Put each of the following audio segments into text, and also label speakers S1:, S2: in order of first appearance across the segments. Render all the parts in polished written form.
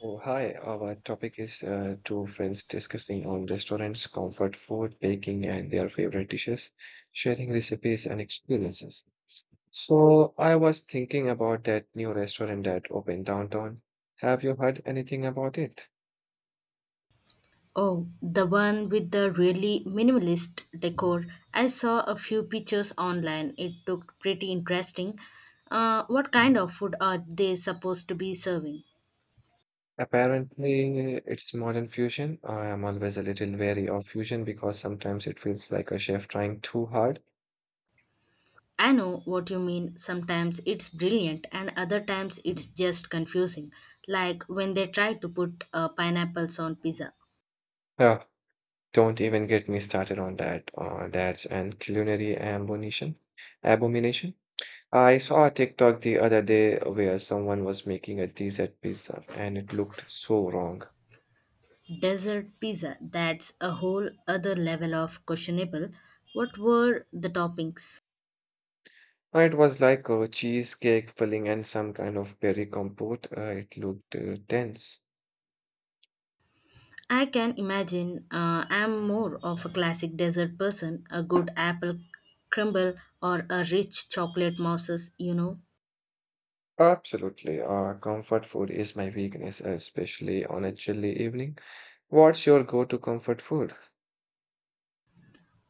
S1: Oh, hi. Our topic is two friends discussing on restaurants, comfort food, baking, and their favorite dishes, sharing recipes and experiences. So, I was thinking about that new restaurant that opened downtown. Have you heard anything about it?
S2: Oh, the one with the really minimalist decor. I saw a few pictures online. It looked pretty interesting. What kind of food are they supposed to be serving?
S1: Apparently, it's modern fusion. I am always a little wary of fusion because sometimes it feels like a chef trying too hard.
S2: I know what you mean. Sometimes it's brilliant, and other times it's just confusing. Like when they try to put pineapples on pizza.
S1: Ah, don't even get me started on that. That's an culinary abomination. Abomination. I saw a TikTok the other day where someone was making a dessert pizza and it looked so wrong.
S2: Desert pizza, that's a whole other level of questionable. What were the toppings?
S1: It was like a cheesecake filling and some kind of berry compote. It looked dense.
S2: I can imagine. I'm more of a classic dessert person, a good apple crumble or a rich chocolate mousses, you know.
S1: Absolutely. Comfort food is my weakness, especially on a chilly evening. What's your go-to comfort food?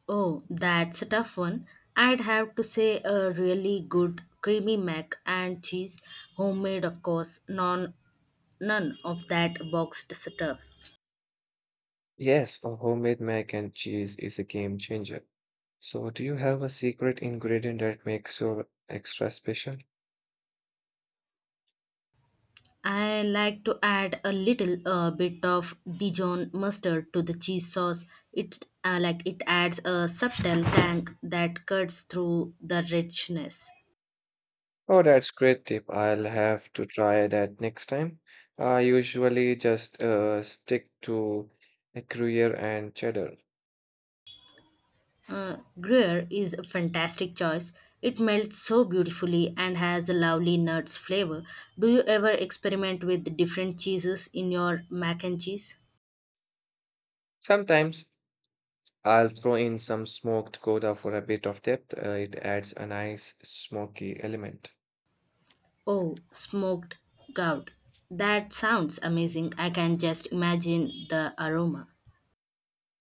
S2: Oh, that's a tough one. I'd have to say a really good creamy mac and cheese, homemade of course, none of that boxed stuff.
S1: Yes, a homemade mac and cheese is a game changer. So, do you have a secret ingredient that makes your extra special?
S2: I like to add a little bit of Dijon mustard to the cheese sauce. It adds a subtle tang that cuts through the richness.
S1: Oh, that's great tip. I'll have to try that next time. I usually just stick to a Gruyere and cheddar.
S2: Gruyere is a fantastic choice. It melts so beautifully and has a lovely nuts flavor. Do you ever experiment with different cheeses in your mac and cheese?
S1: Sometimes I'll throw in some smoked Gouda for a bit of depth. It adds a nice smoky element.
S2: Oh, smoked gout. That sounds amazing. I can just imagine the aroma.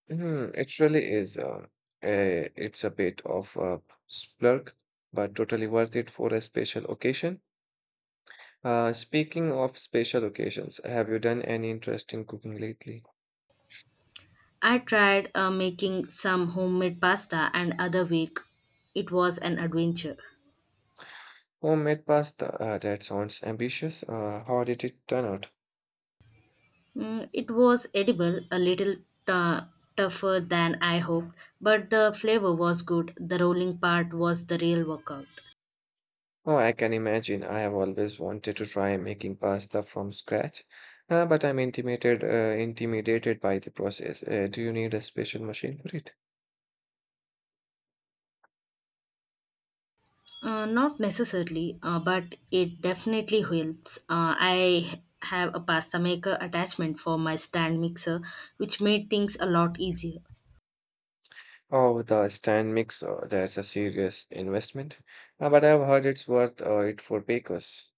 S1: Hmm, it really is. It's a bit of a splurge, but totally worth it for a special occasion. Speaking of special occasions, have you done any interesting cooking lately?
S2: I tried making some homemade pasta and other week it was an adventure.
S1: Homemade pasta? That sounds ambitious. How did it turn out?
S2: Mm, it was edible, a little tu- tougher than I hoped, but the flavor was good. The rolling part was the real workout.
S1: Oh, I can imagine. I have always wanted to try making pasta from scratch, but I'm intimidated by the process. Do you need a special machine for it?
S2: Not necessarily, but it definitely helps. I have a pasta maker attachment for my stand mixer, which made things a lot easier.
S1: Oh, the stand mixer. That's a serious investment. But I've heard it's worth it for bakers.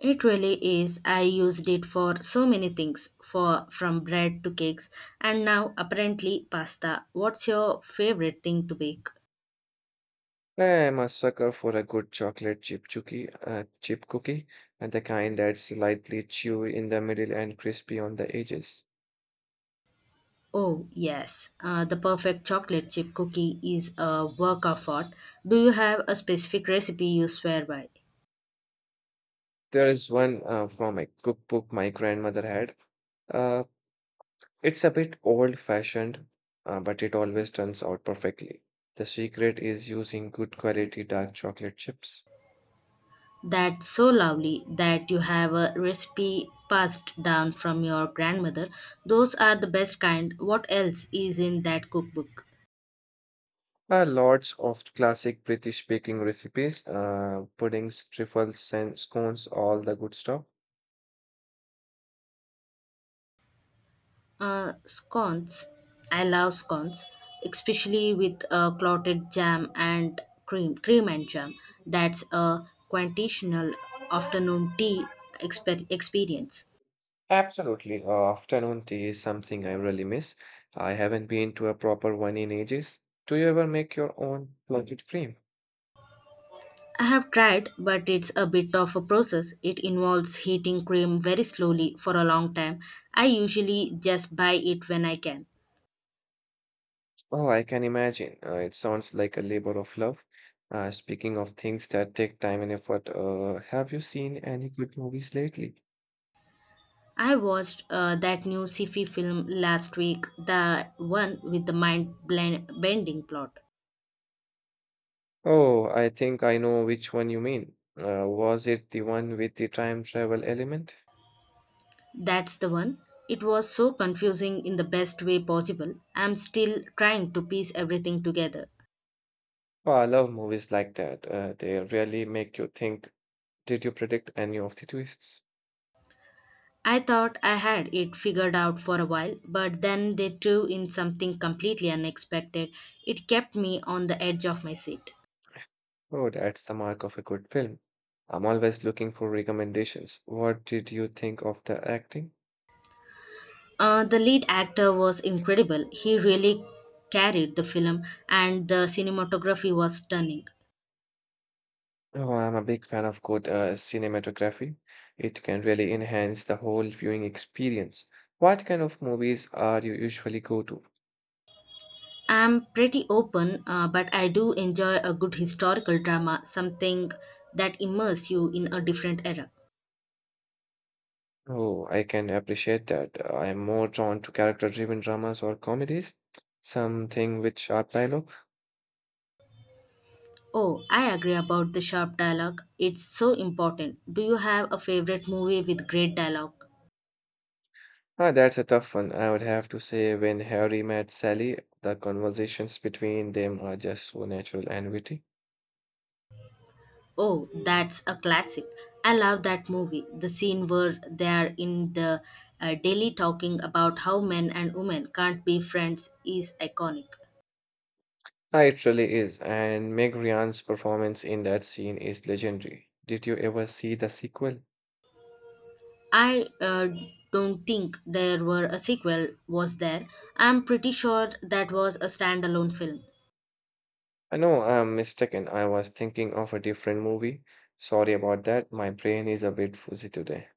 S2: It really is. I used it for so many things, for from bread to cakes, and now apparently pasta. What's your favorite thing to bake?
S1: I'm a sucker for a good chip cookie, and the kind that's slightly chewy in the middle and crispy on the edges.
S2: Oh, yes. The perfect chocolate chip cookie is a work of art. Do you have a specific recipe you swear by?
S1: There is one from a cookbook my grandmother had. Uh, it's a bit old-fashioned, but it always turns out perfectly. The secret is using good quality dark chocolate chips.
S2: That's so lovely that you have a recipe passed down from your grandmother. Those are the best kind. What else is in that cookbook?
S1: Lots of classic British baking recipes, puddings, trifles, and scones, all the good stuff.
S2: Scones. I love scones, especially with clotted jam and cream and jam. That's a quintessential afternoon tea experience.
S1: Absolutely. Afternoon tea is something I really miss. I haven't been to a proper one in ages. Do you ever make your own blended cream?
S2: I have tried, but it's a bit of a process. It involves heating cream very slowly for a long time. I usually just buy it when I can.
S1: Oh, I can imagine. It sounds like a labor of love. Speaking of things that take time and effort, have you seen any good movies lately?
S2: I watched that new sci-fi film last week, the one with the mind-bending plot.
S1: Oh, I think I know which one you mean. Was it the one with the time travel element?
S2: That's the one. It was so confusing in the best way possible. I'm still trying to piece everything together.
S1: Oh, I love movies like that. They really make you think, did you predict any of the twists?
S2: I thought I had it figured out for a while, but then they threw in something completely unexpected. It kept me on the edge of my seat.
S1: Oh, that's the mark of a good film. I'm always looking for recommendations. What did you think of the acting?
S2: The lead actor was incredible. He really carried the film, and the cinematography was stunning.
S1: Oh, I'm a big fan of good cinematography. It can really enhance the whole viewing experience. What kind of movies are you usually go to?
S2: I'm pretty open, but I do enjoy a good historical drama, something that immerses you in a different era.
S1: Oh, I can appreciate that. I am more drawn to character-driven dramas or comedies, something with sharp dialogue.
S2: Oh, I agree about the sharp dialogue. It's so important. Do you have a favorite movie with great dialogue?
S1: Ah, that's a tough one. I would have to say when Harry met Sally, the conversations between them are just so natural and witty.
S2: Oh, that's a classic. I love that movie. The scene where they are in the daily talking about how men and women can't be friends is iconic.
S1: Ah, it really is, and Meg Ryan's performance in that scene is legendary. Did you ever see the sequel?
S2: I don't think there were a sequel, was there? I'm pretty sure that was a standalone film.
S1: I know I'm mistaken. I was thinking of a different movie. Sorry about that. My brain is a bit fuzzy today.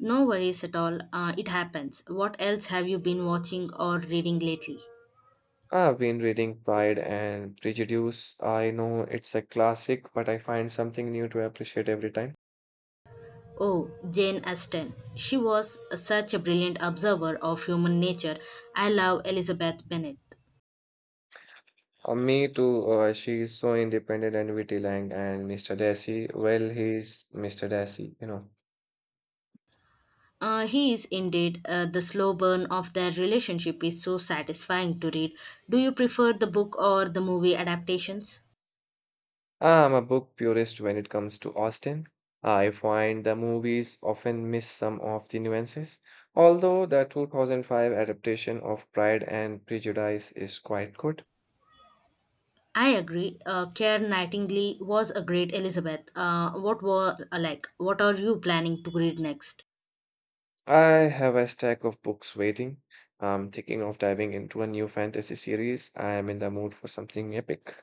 S2: No worries at all, it happens. What else have you been watching or reading lately?
S1: I've been reading Pride and Prejudice. I know it's a classic, but I find something new to appreciate every time.
S2: Oh, Jane Austen. She was such a brilliant observer of human nature. I love Elizabeth Bennet.
S1: Me too. She is so independent and witty, Lang, and Mr. Darcy. Well, he's Mr. Darcy.
S2: He is indeed. The slow burn of their relationship is so satisfying to read. Do you prefer the book or the movie adaptations?
S1: I'm a book purist when it comes to Austen. I find the movies often miss some of the nuances, although the 2005 adaptation of Pride and Prejudice is quite good.
S2: I agree. Care Nightingale was a great Elizabeth. What were like? What are you planning to read next?
S1: I have a stack of books waiting. I'm thinking of diving into a new fantasy series. I am in the mood for something epic.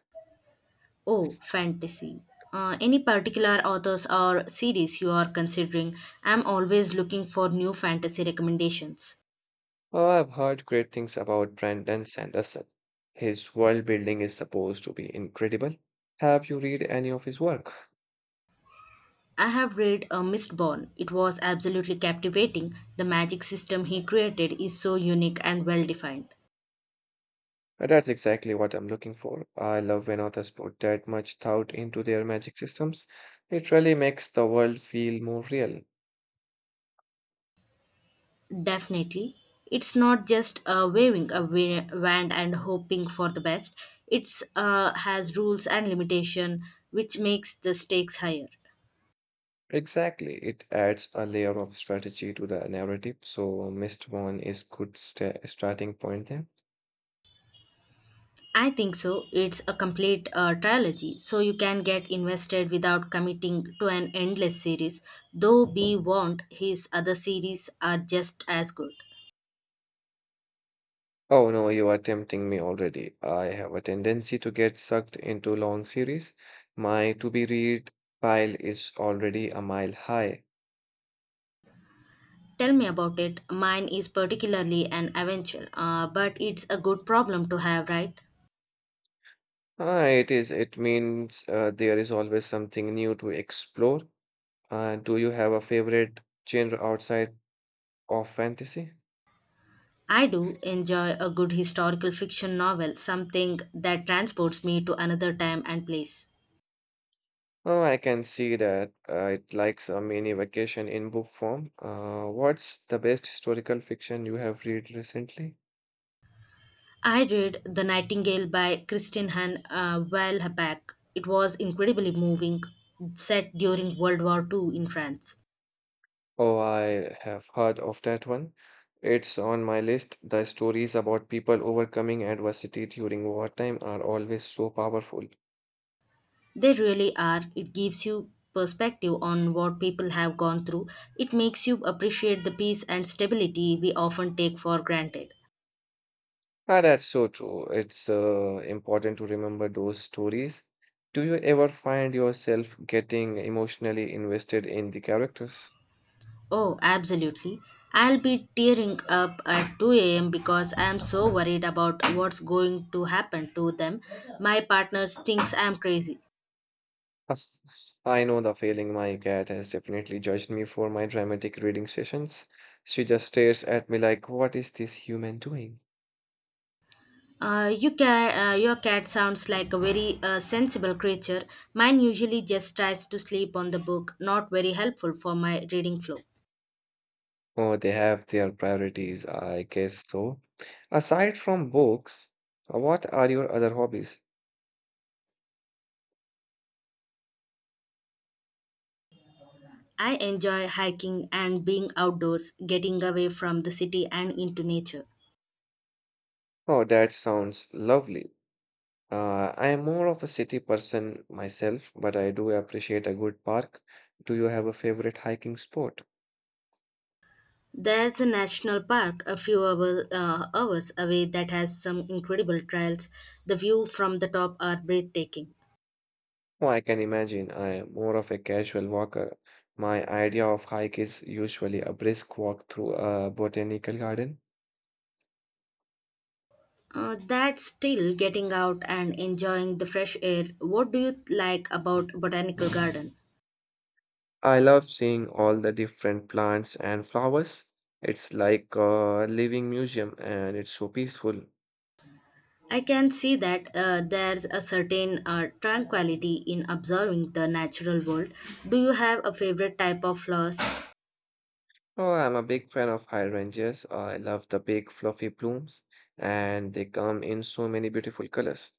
S2: Oh, fantasy. Any particular authors or series you are considering? I'm always looking for new fantasy recommendations.
S1: Oh, I've heard great things about Brandon Sanderson. His world building is supposed to be incredible. Have you read any of his work?
S2: I have read A Mistborn. It was absolutely captivating. The magic system he created is so unique and well defined.
S1: That's exactly what I'm looking for. I love when authors put that much thought into their magic systems. It really makes the world feel more real.
S2: Definitely. It's not just waving a wand and hoping for the best. It's has rules and limitation, which makes the stakes higher.
S1: Exactly. It adds a layer of strategy to the narrative, so Mist One is good starting point there.
S2: I think so. It's a complete trilogy, so you can get invested without committing to an endless series. Though be warned, his other series are just as good.
S1: Oh no, you are tempting me already. I have a tendency to get sucked into long series. My to be read pile is already a mile high.
S2: Tell me about it. Mine is particularly an adventure, but it's a good problem to have, right?
S1: Ah, it is. It means there is always something new to explore. Do you have a favorite genre outside of fantasy?
S2: I do enjoy a good historical fiction novel, something that transports me to another time and place.
S1: Oh, I can see that. It likes a mini vacation in book form. What's the best historical fiction you have read recently?
S2: I read The Nightingale by Kristin Han a while back. It was incredibly moving, set during World War II in France.
S1: Oh, I have heard of that one. It's on my list. The stories about people overcoming adversity during wartime are always so powerful.
S2: They really are. It gives you perspective on what people have gone through. It makes you appreciate the peace and stability we often take for granted.
S1: Ah, that's so true. It's important to remember those stories. Do you ever find yourself getting emotionally invested in the characters?
S2: Oh, absolutely. I'll be tearing up at 2 a.m. because I'm so worried about what's going to happen to them. My partner thinks I'm crazy.
S1: Ah, I know the feeling my cat has definitely judged me for my dramatic reading sessions. She just stares at me like, what is this human doing?
S2: Your cat sounds like a very sensible creature. Mine usually just tries to sleep on the book, not very helpful for my reading flow.
S1: Oh, they have their priorities, I guess so. Aside from books, what are your other hobbies?
S2: I enjoy hiking and being outdoors, getting away from the city and into nature.
S1: Oh, that sounds lovely. I am more of a city person myself, but I do appreciate a good park. Do you have a favorite hiking spot?
S2: There's a national park a hours away that has some incredible trails. The view from the top are breathtaking.
S1: Oh, I can imagine. I am more of a casual walker. My idea of hike is usually a brisk walk through a botanical garden.
S2: That's still getting out and enjoying the fresh air. What do you like about botanical garden?
S1: I love seeing all the different plants and flowers. It's like a living museum and it's so peaceful.
S2: I can see that. There's a certain tranquility in observing the natural world. Do you have a favorite type of flowers?
S1: Oh, I'm a big fan of hydrangeas. I love the big fluffy blooms and they come in so many beautiful colors.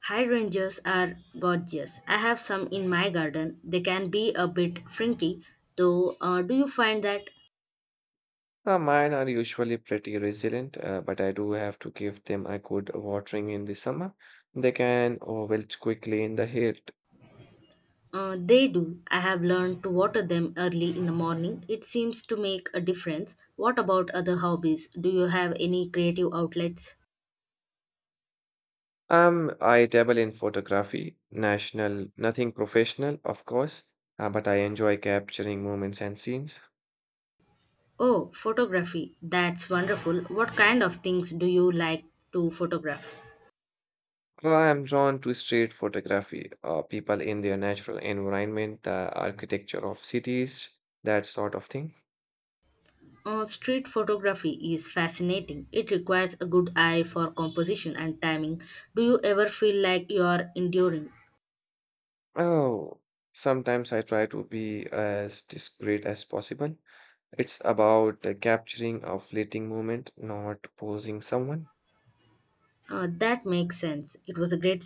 S2: Hydrangeas are gorgeous. I have some in my garden. They can be a bit frinky, though. Do you find that?
S1: Mine are usually pretty resilient, but I do have to give them a good watering in the summer. They can wilt quickly in the heat.
S2: They do. I have learned to water them early in the morning. It seems to make a difference. What about other hobbies? Do you have any creative outlets?
S1: I dabble in photography, nothing professional, of course, but I enjoy capturing moments and scenes.
S2: Oh, photography. That's wonderful. What kind of things do you like to photograph?
S1: So, I am drawn to street photography, people in their natural environment, the architecture of cities, that sort of thing.
S2: Street photography is fascinating. It requires a good eye for composition and timing. Do you ever feel like you are enduring?
S1: Oh, sometimes I try to be as discreet as possible. It's about capturing a fleeting moment, not posing someone.
S2: That makes sense. It was a great